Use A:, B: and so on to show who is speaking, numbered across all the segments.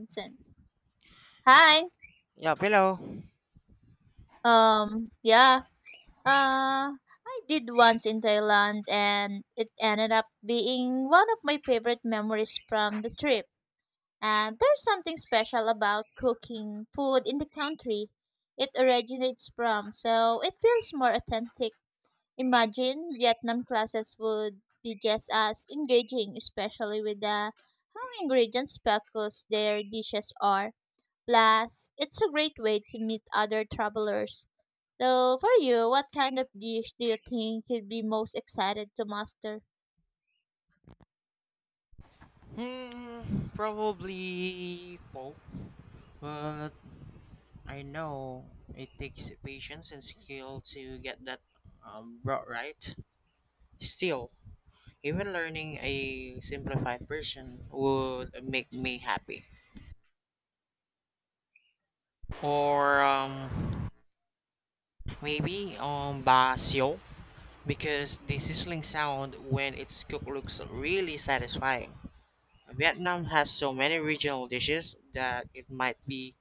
A: Vincent. Hi.
B: Yeah, hello.
A: Um. Yeah. Uh. I did once in Thailand, and it ended up being one of my favorite memories from the trip. And there's something special about cooking food in the country it originates from, so it feels more authentic. Imagine Vietnam classes would be just as engaging, especially with the how ingredients focused their dishes are. Plus, it's a great way to meet other travelers. So, for you, what kind of dish do you think you'd be most excited to master?
B: Hmm, Probably both. But I know it takes patience and skill to get that brought right. Still, even learning a simplified version would make me happy. Or maybe basyo because the sizzling sound when it's cooked looks really satisfying. Vietnam has so many regional dishes that it might be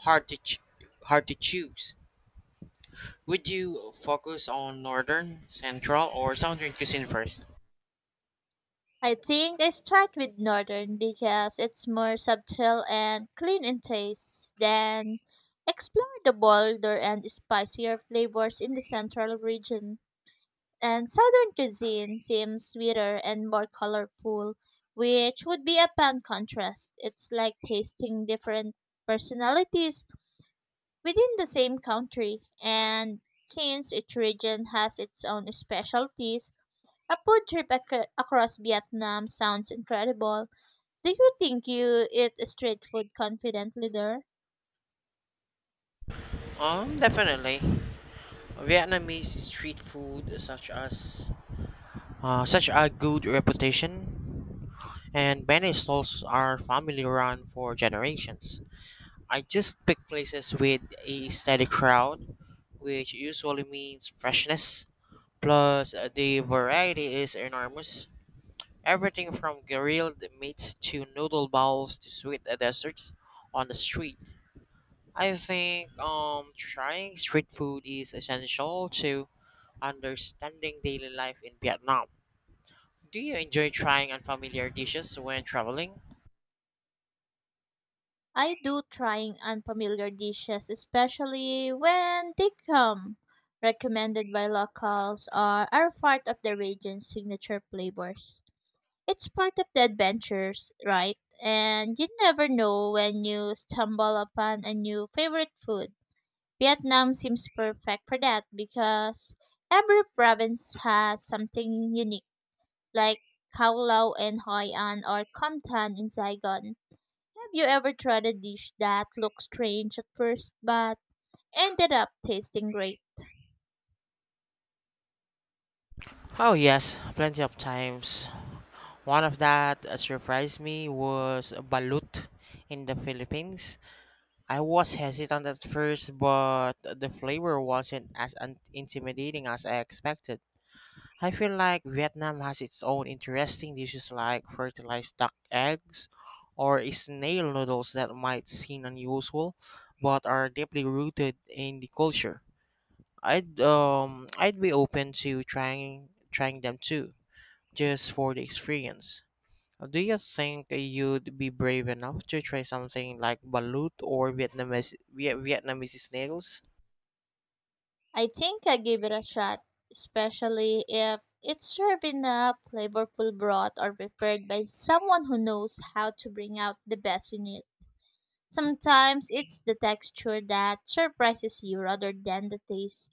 B: hard to ch- hard to choose. Would you focus on northern, central, or southern cuisine first?
A: I think I start with northern because it's more subtle and clean in taste. Then, explore the bolder and spicier flavors in the central region. And southern cuisine seems sweeter and more colorful, which would be a fun contrast. It's like tasting different personalities within the same country. And since each region has its own specialties, a food trip across Vietnam sounds incredible. Do you think you eat street food confidently there?
B: Definitely. Vietnamese street food such as such a good reputation, and many stalls are family run for generations. I just pick places with a steady crowd, which usually means freshness. Plus, the variety is enormous. Everything from grilled meats to noodle bowls to sweet desserts on the street. I think trying street food is essential to understanding daily life in Vietnam. Do you enjoy trying unfamiliar dishes when traveling?
A: I do trying unfamiliar dishes, especially when they come recommended by locals or are part of the region's signature flavors. It's part of the adventures, right? And you never know when you stumble upon a new favorite food. Vietnam seems perfect for that because every province has something unique, like Khao Lao in Hoi An or Com Tan in Saigon. Have you ever tried a dish that looked strange at first but ended up tasting great?
B: Oh, yes, plenty of times. One of that surprised me was balut in the Philippines. I was hesitant at first, but the flavor wasn't as intimidating as I expected. I feel like Vietnam has its own interesting dishes like fertilized duck eggs or snail noodles that might seem unusual but are deeply rooted in the culture. I'd be open to trying them too, just for the experience. Do you think you'd be brave enough to try something like balut or Vietnamese snails?
A: I think I give it a shot, especially if it's served in a flavorful broth or prepared by someone who knows how to bring out the best in it. Sometimes it's the texture that surprises you rather than the taste.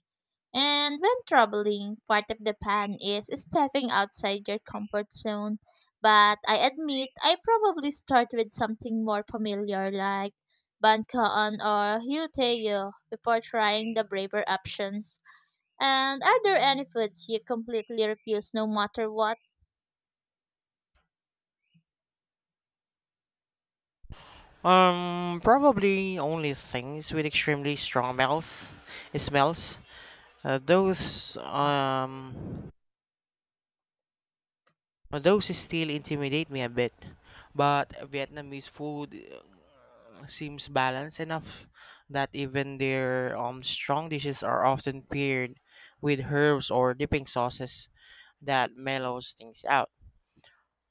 A: And when traveling, part of the plan is stepping outside your comfort zone. But I admit I probably start with something more familiar like Bankaon or Hyuteo before trying the braver options. And are there any foods you completely refuse no matter what?
B: Probably only things with extremely strong smells. Smells. Uh, those um, those still intimidate me a bit. But Vietnamese food seems balanced enough that even their strong dishes are often paired with herbs or dipping sauces that mellows things out.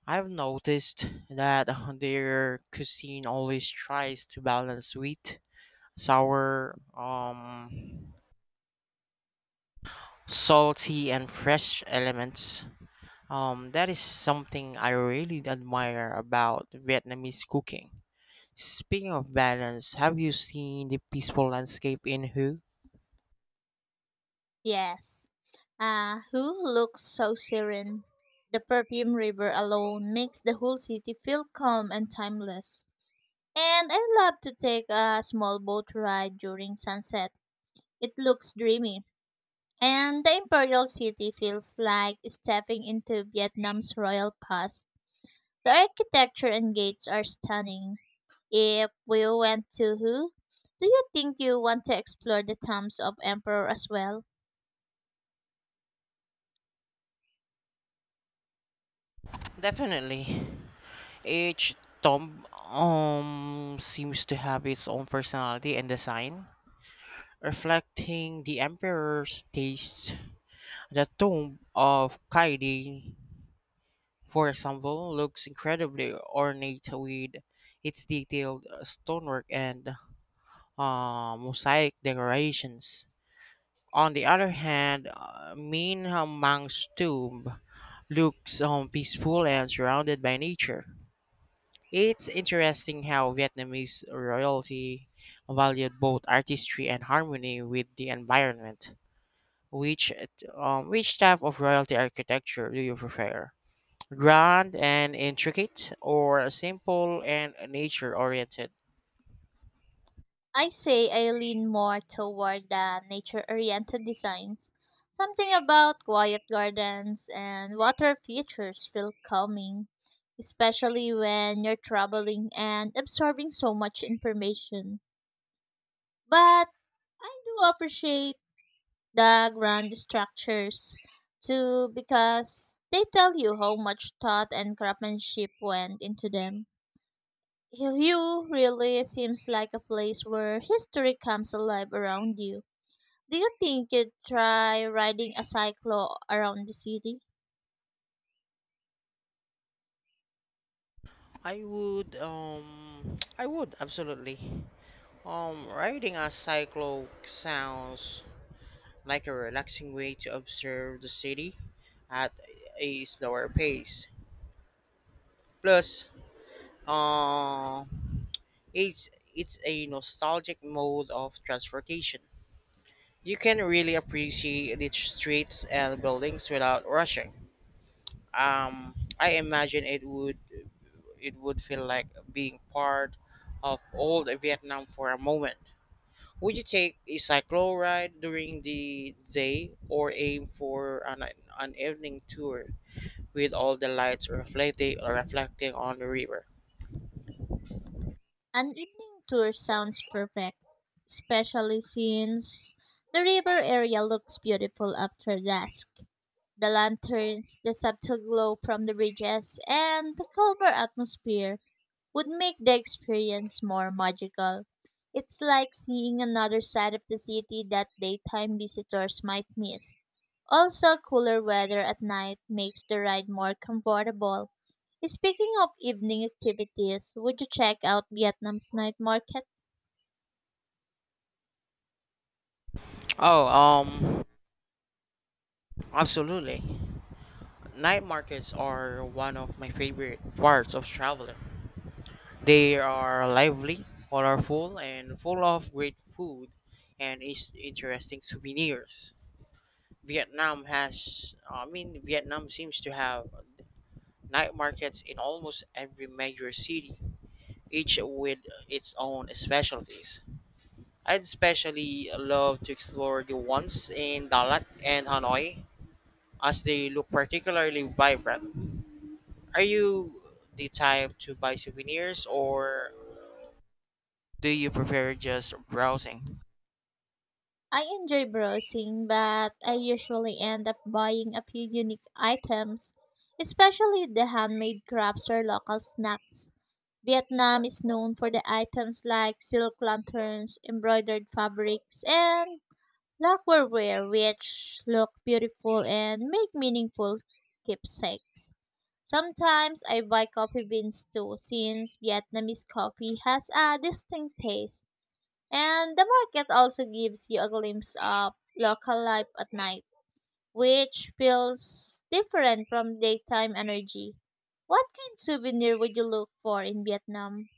B: I've noticed that their cuisine always tries to balance sweet, sour, salty, and fresh elements. That is something I really admire about Vietnamese cooking. Speaking of balance, have you seen the peaceful landscape in Hue?
A: Yes. Ah, who looks so serene? The perfume river alone makes the whole city feel calm and timeless. And I love to take a small boat ride during sunset. It looks dreamy. And the Imperial City feels like stepping into Vietnam's royal past. The architecture and gates are stunning. If we went to who, do you think you want to explore the tombs of emperor as well?
B: Definitely. Each tomb seems to have its own personality and design, reflecting the emperor's tastes. The tomb of Kaidi, for example, looks incredibly ornate with its detailed stonework and mosaic decorations. On the other hand, Min Mang's tomb looks peaceful and surrounded by nature. It's interesting how Vietnamese royalty valued both artistry and harmony with the environment. Which which type of royalty architecture do you prefer? Grand and intricate or simple and nature oriented?
A: I say I lean more toward the nature-oriented designs. Something about quiet gardens and water features feel calming, especially when you're traveling and absorbing so much information. But I do appreciate the grand structures too because they tell you how much thought and craftsmanship went into them. Hugh really seems like a place where history comes alive around you. Do you think you'd try riding a cyclo around the city?
B: I would I would absolutely. Riding a cyclo sounds like a relaxing way to observe the city at a slower pace. Plus, uh, it's it's a nostalgic mode of transportation. You can really appreciate the streets and buildings without rushing. I imagine it would feel like being part of old Vietnam for a moment. Would you take a cycle ride during the day or aim for an evening tour with all the lights reflecting on the river?
A: An evening tour sounds perfect, especially since the river area looks beautiful after dusk. The lanterns, the subtle glow from the bridges, and the calmer atmosphere would make the experience more magical. It's like seeing another side of the city that daytime visitors might miss. Also, cooler weather at night makes the ride more comfortable. Speaking of evening activities, would you check out Vietnam's night market?
B: Oh, absolutely. Night markets are one of my favorite parts of traveling. They are lively, colorful, and full of great food and interesting souvenirs. Vietnam has, I mean, Vietnam seems to have night markets in almost every major city, each with its own specialties. I'd especially love to explore the ones in Dalat and Hanoi, as they look particularly vibrant. Are you the type to buy souvenirs or do you prefer just browsing?
A: I enjoy browsing, but I usually end up buying a few unique items, especially the handmade crafts or local snacks. Vietnam is known for the items like silk lanterns, embroidered fabrics, and lacquerware, which look beautiful and make meaningful keepsakes. Sometimes I buy coffee beans too, since Vietnamese coffee has a distinct taste. And the market also gives you a glimpse of local life at night, which feels different from daytime energy. What kind of souvenir would you look for in Vietnam?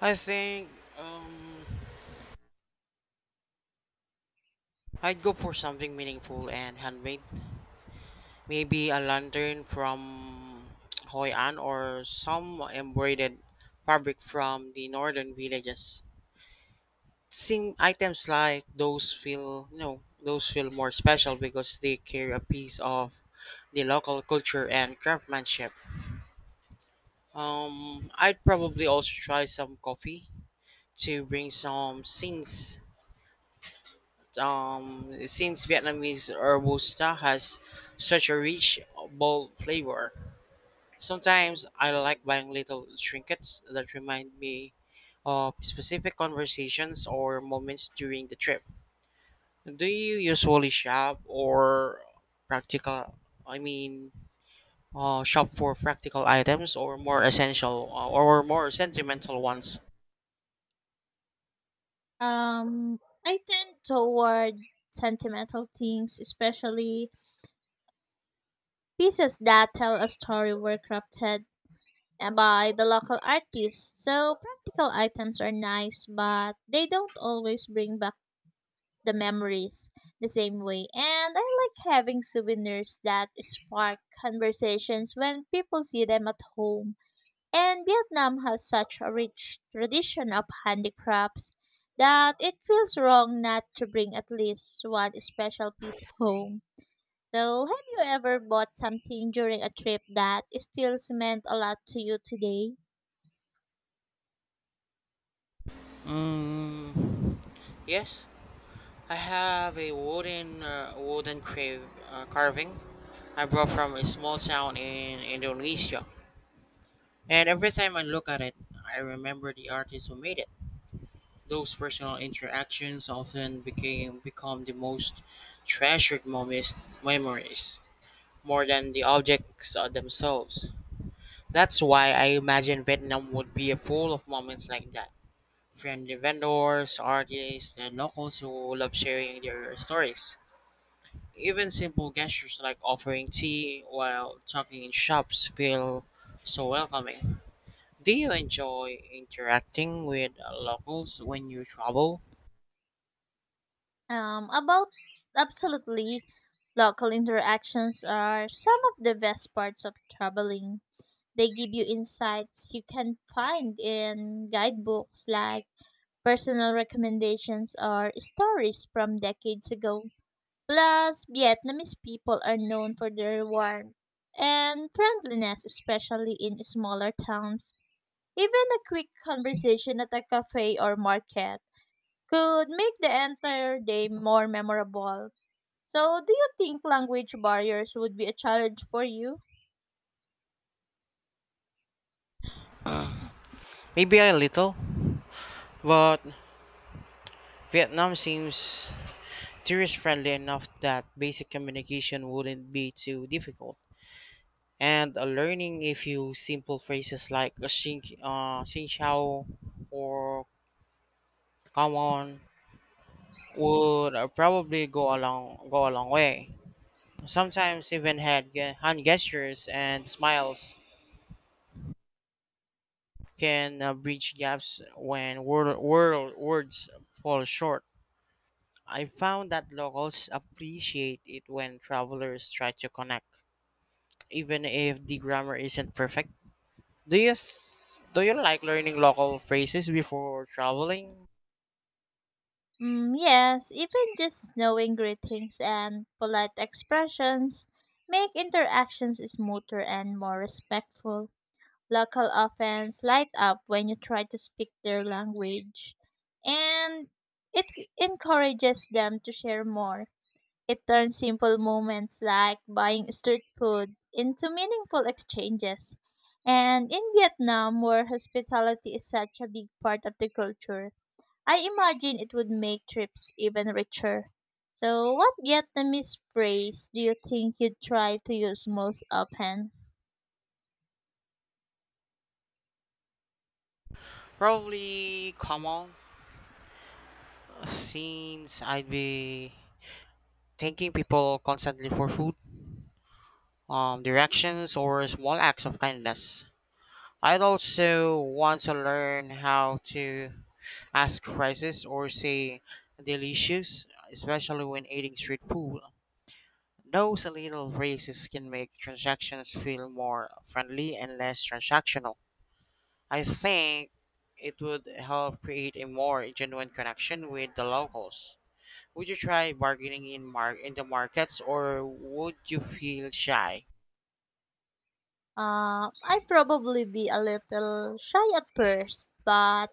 B: I think um, I'd go for something meaningful and handmade. Maybe a lantern from Hoi An or some embroidered fabric from the northern villages. Seeing items like those feel more special because they carry a piece of the local culture and craftsmanship. I'd probably also try some coffee to bring some since Vietnamese robusta has such a rich bold flavor. Sometimes I like buying little trinkets that remind me of specific conversations or moments during the trip. Do you usually shop or practical? I mean, Shop for practical items or more sentimental ones.
A: Um, I tend toward sentimental things, especially pieces that tell a story were crafted by the local artists. So practical items are nice, but they don't always bring back the memories the same way. And I like having souvenirs that spark conversations when people see them at home. And Vietnam has such a rich tradition of handicrafts that it feels wrong not to bring at least one special piece home. So, have you ever bought something during a trip that still meant a lot to you today?
B: Mm, yes, I have a carving I brought from a small town in Indonesia, and every time I look at it, I remember the artist who made it. Those personal interactions often became become the most treasured moments, memories, more than the objects themselves. That's why I imagine Vietnam would be full of moments like that. Friendly vendors, artists, and locals who love sharing their stories. Even simple gestures like offering tea while talking in shops feel so welcoming. Do you enjoy interacting with locals when you travel?
A: About Absolutely, local interactions are some of the best parts of traveling. They give you insights you can find in guidebooks like personal recommendations or stories from decades ago. Plus, Vietnamese people are known for their warmth and friendliness, especially in smaller towns. Even a quick conversation at a cafe or market could make the entire day more memorable. So, do you think language barriers would be a challenge for you?
B: Maybe a little, but Vietnam seems tourist friendly enough that basic communication wouldn't be too difficult. And learning a few simple phrases like xin chào or come on would probably go a long way. Sometimes even hand gestures and smiles can bridge gaps when words fall short. I found that locals appreciate it when travelers try to connect, even if the grammar isn't perfect. Do you like learning local phrases before traveling?
A: Mm, yes, even just knowing greetings and polite expressions make interactions smoother and more respectful. Local offense light up when you try to speak their language, and it encourages them to share more. It turns simple moments like buying street food into meaningful exchanges. And in Vietnam, where hospitality is such a big part of the culture, I imagine it would make trips even richer. So, what Vietnamese phrase do you think you try to use most often?
B: Probably common since I'd be thanking people constantly for food, directions, or small acts of kindness. I'd also want to learn how to ask prices or say delicious, especially when eating street food. Those little phrases can make transactions feel more friendly and less transactional. I think it would help create a more genuine connection with the locals. Would you try bargaining in the markets or would you feel shy?
A: I'd probably be a little shy at first, but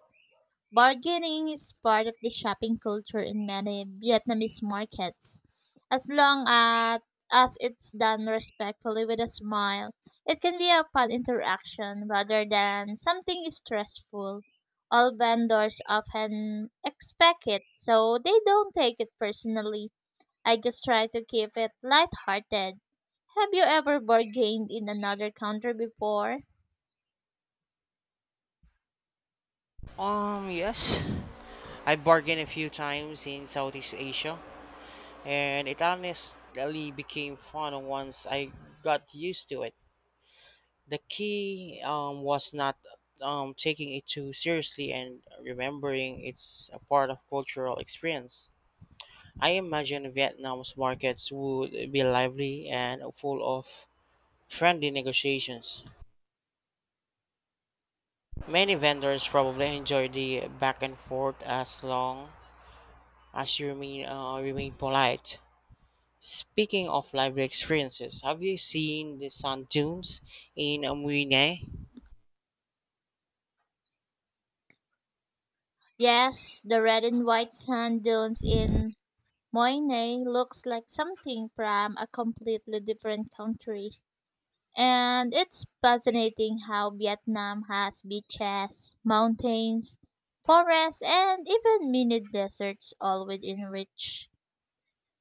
A: bargaining is part of the shopping culture in many Vietnamese markets. As long as it's done respectfully with a smile, it can be a fun interaction rather than something stressful. All vendors often expect it, so they don't take it personally. I just try to keep it lighthearted. Have you ever bargained in another country before?
B: Yes. I bargained a few times in Southeast Asia and it honestly became fun once I got used to it. The key was not taking it too seriously and remembering it's a part of cultural experience. I imagine Vietnam's markets would be lively and full of friendly negotiations. Many vendors probably enjoy the back and forth as long as you remain polite. Speaking of lively experiences, have you seen the sand dunes in Amuine?
A: Yes, the red and white sand dunes in Moine looks like something from a completely different country. And it's fascinating how Vietnam has beaches, mountains, forests, and even mini deserts all within reach.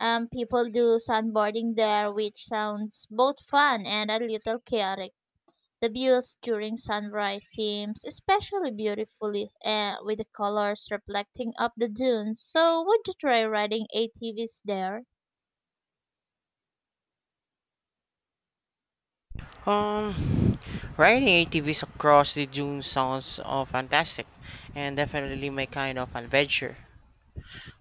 A: People do sandboarding there, which sounds both fun and a little chaotic. The views during sunrise seems especially beautifully with the colors reflecting up the dunes. So would you try riding ATVs there?
B: Um, Riding ATVs across the dunes sounds fantastic and definitely my kind of adventure.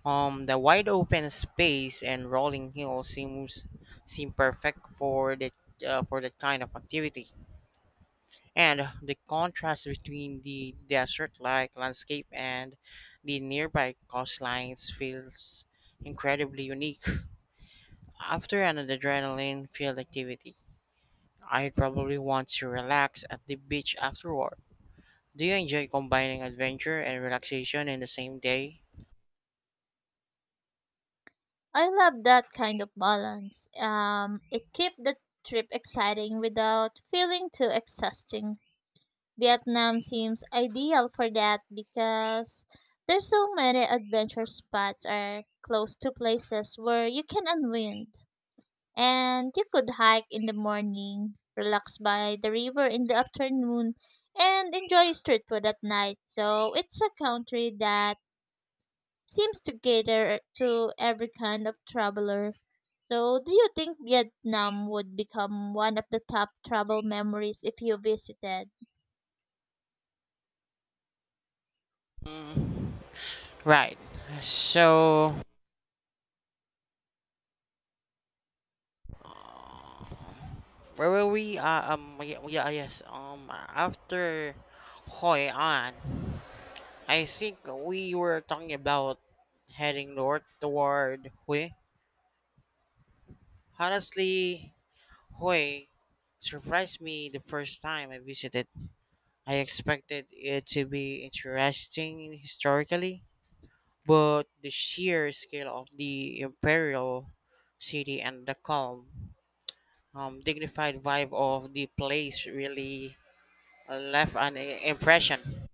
B: The wide open space and rolling hills seems seem perfect for the for that kind of activity. And the contrast between the desert-like landscape and the nearby coastlines feels incredibly unique. After an adrenaline-filled activity, I'd probably want to relax at the beach afterward. Do you enjoy combining adventure and relaxation in the same day?
A: I love that kind of balance. It keeps the trip exciting without feeling too exhausting. Vietnam seems ideal for that because there's so many adventure spots are close to places where you can unwind, and you could hike in the morning, relax by the river in the afternoon, and enjoy street food at night. So it's a country that seems to cater to every kind of traveler. So do you think Vietnam would become one of the top travel memories if you visited?
B: Mm, right. So where were we? Yeah, Yes. After Hoi An, I think we were talking about heading north toward Hue. Honestly, Hue surprised me the first time I visited. I expected it to be interesting historically, but the sheer scale of the imperial city and the calm, dignified vibe of the place really left impression.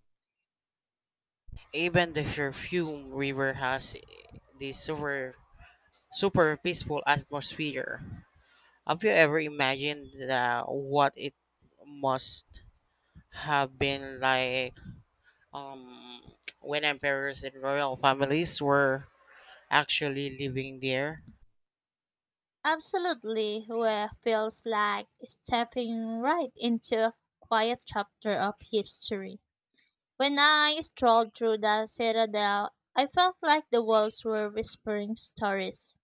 B: Even the perfume river has this super peaceful atmosphere. Have you ever imagined what it must have been like Um, when emperors and royal families were actually living there.
A: Absolutely, where feels like stepping right into a quiet chapter of history. When I strolled through the citadel, I felt like the walls were whispering stories,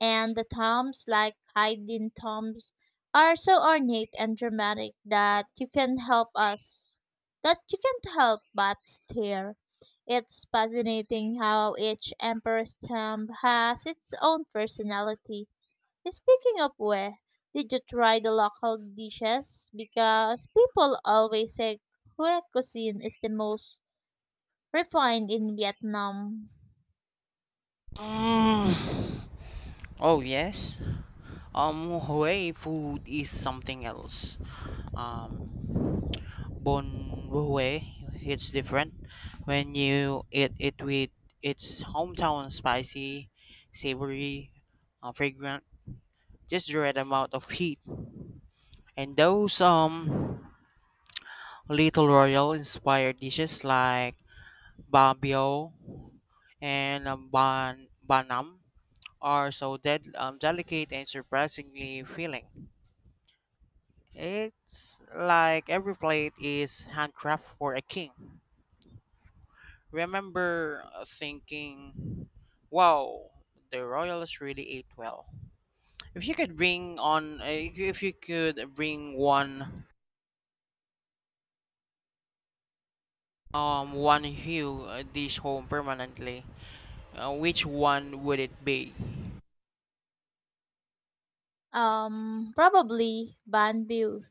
A: and the tombs, like hidden tombs, are so ornate and dramatic that you can help us, that you can't help but stare. It's fascinating how each emperor's tomb has its own personality. Speaking of where, did you try the local dishes? Because people always say Hue cuisine is the most refined in Vietnam.
B: Mm. Oh yes. Hue food is something else. Um, Bon Hue, it's different. When you eat it with its hometown spicy, savory, fragrant, just the right amount of heat. And those little royal inspired dishes like babio and Banam are so delicate and surprisingly filling. It's like every plate is handcrafted for a king. Remember thinking, wow, the royals really ate well. If you could bring on, If you could bring one hue dish home permanently, which one would it be?
A: Probably banh Bue.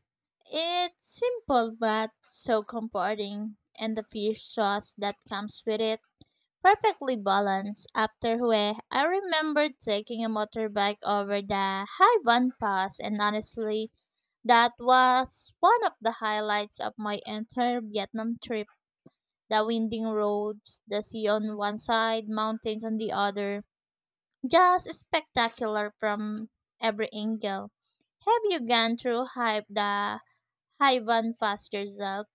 A: It's simple but so comforting, and the fish sauce that comes with it perfectly balanced. After Hue, I remember taking a motorbike over the Hai Van Pass, and honestly, that was one of the highlights of my entire Vietnam trip. The winding roads, the sea on one side, mountains on the other, just spectacular from every angle. Have you gone through Hive the Hivan fast yourself?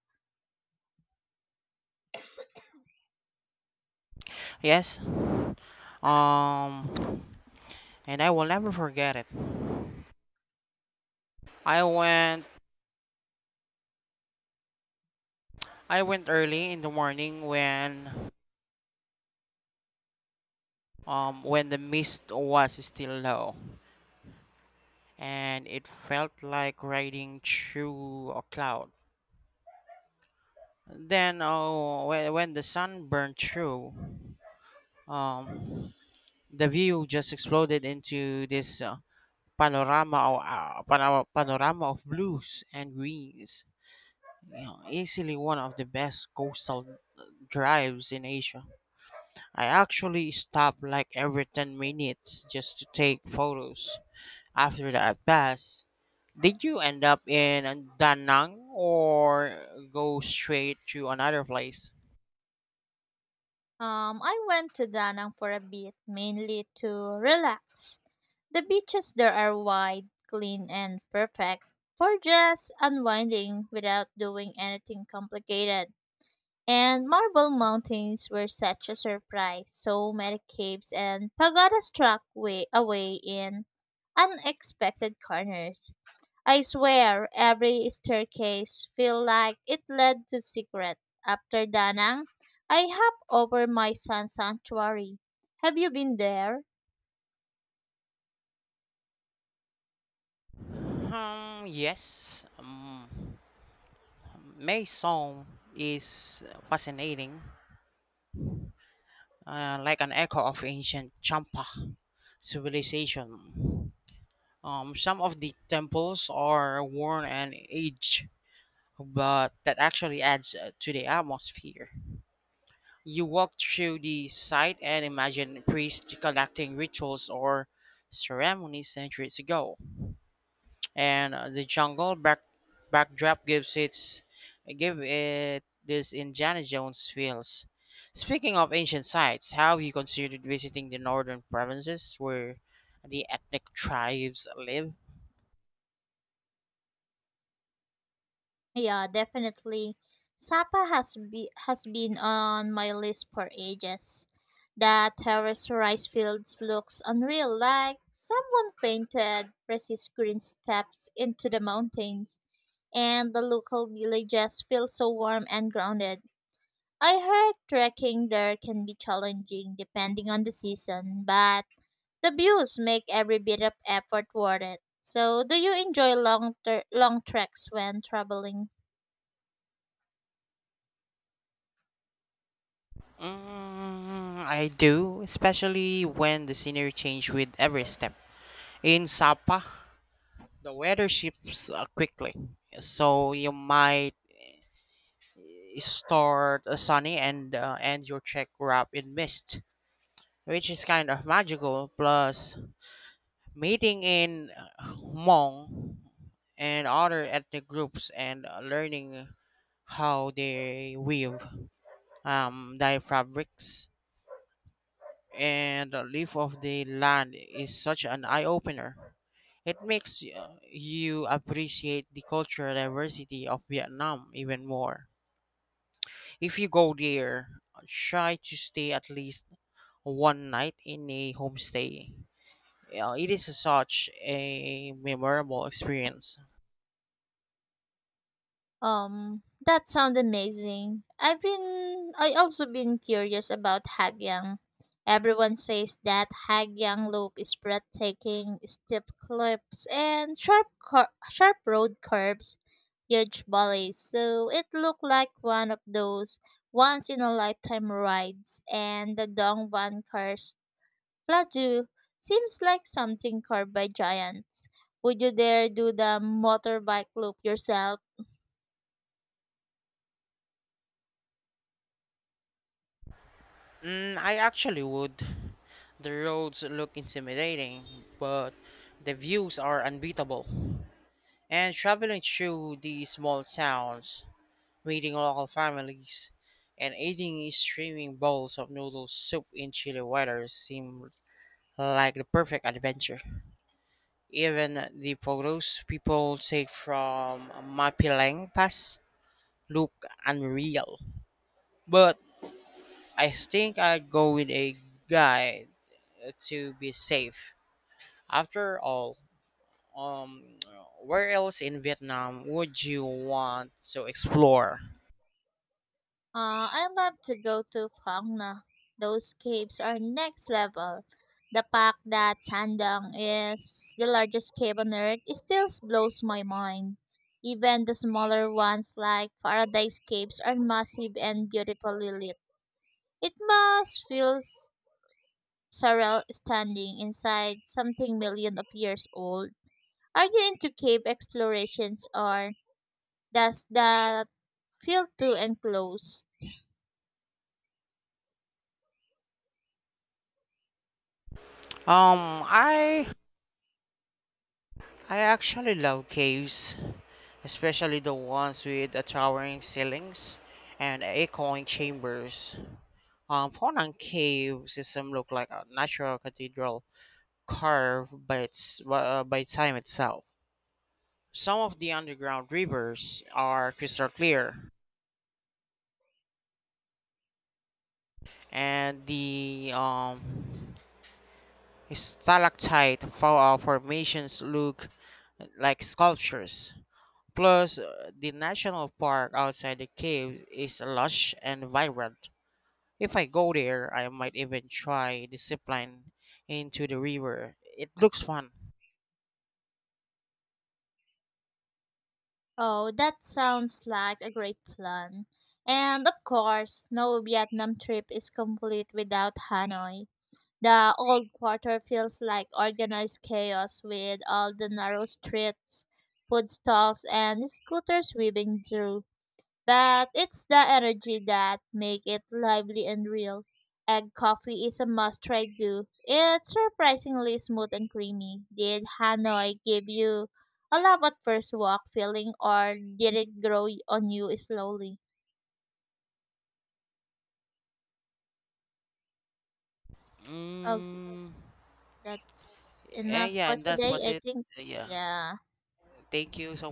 B: Yes. Um, and I will never forget it. I went I went early in the morning when the mist was still low and it felt like riding through a cloud. Then when the sun burned through um the view just exploded into this panorama of blues and greens. You know, easily one of the best coastal drives in Asia. I actually stop like every 10 minutes just to take photos after the at pass. Did you end up in Da Nang or go straight to another place?
A: I went to Danang for a bit, mainly to relax. The beaches there are wide, clean, and perfect for just unwinding without doing anything complicated. And marble mountains were such a surprise. So many caves and pagodas struck way away in unexpected corners. I swear every staircase feel like it led to secret. After Danang, I hop over my sun sanctuary. Have you been there?
B: Yes. Mae Song is fascinating, like an echo of ancient Champa civilization. Some of the temples are worn and aged, but that actually adds to the atmosphere. You walk through the site and imagine priests conducting rituals or ceremonies centuries ago. And the backdrop give it this Indiana Jones feels. Speaking of ancient sites, have you considered visiting the northern provinces where the ethnic tribes live?
A: Yeah, definitely. Has been on my list for ages. The terrace rice fields looks unreal like someone painted precious green steps into the mountains and the local villages feel so warm and grounded. I heard trekking there can be challenging depending on the season, but the views make every bit of effort worth it. So, do you enjoy long treks when traveling?
B: Mm, I do, especially when the scenery changes with every step. In Sapa, the weather shifts quickly, so you might start sunny and end your trek wrapped in mist, which is kind of magical. Plus, meeting in Hmong and other ethnic groups and learning how they weave their fabrics and the leaf of the land is such an eye opener. It makes you appreciate the cultural diversity of Vietnam even more. If you go there, try to stay at least one night in a homestay. Yeah, it is such a memorable experience.
A: That sounds amazing. I also been curious about Hagyang. Everyone says that Hagyang Loop is breathtaking, steep cliffs and sharp road curves, huge valleys. So it looked like one of those once in a lifetime rides. And the Dongban cars, Plateau seems like something carved by giants. Would you dare do the motorbike loop yourself?
B: Mm, I actually would. The roads look intimidating, but the views are unbeatable. And traveling through these small towns, meeting local families, and eating steaming bowls of noodle soup in chilly weather seem like the perfect adventure. Even the photos people take from Mapilang Pass look unreal. But I think I'd go with a guide to be safe. After all, um, where else in Vietnam would you want to explore?
A: I love to go to Phang Na. Those caves are next level. The fact that Sandang is the largest cave on earth it still blows my mind. Even the smaller ones like Paradise Caves are massive and beautifully lit. It must feel surreal standing inside something million of years old. Are you into cave explorations or does that feel too enclosed?
B: Um, I I actually love caves, especially the ones with the towering ceilings and echoing chambers. Faunang Cave system looked like a natural cathedral carved by its by time itself. Some of the underground rivers are crystal clear, and the formations look like sculptures. Plus, the national park outside the cave is lush and vibrant. If I go there, I might even try the zipline into the river. It looks fun.
A: Oh, that sounds like a great plan. And of course, no Vietnam trip is complete without Hanoi. The old quarter feels like organized chaos with all the narrow streets, food stalls, and scooters weaving through but it's the energy that make it lively and real. Egg coffee is a must try do. It's surprisingly smooth and creamy. Did Hanoi give you a love at first walk feeling or did it grow on you slowly? Okay,
B: Mm,
A: that's enough
B: and yeah,
A: for
B: and that
A: today.
B: was
A: I
B: it.
A: think
B: Yeah.
A: yeah.
B: Thank you so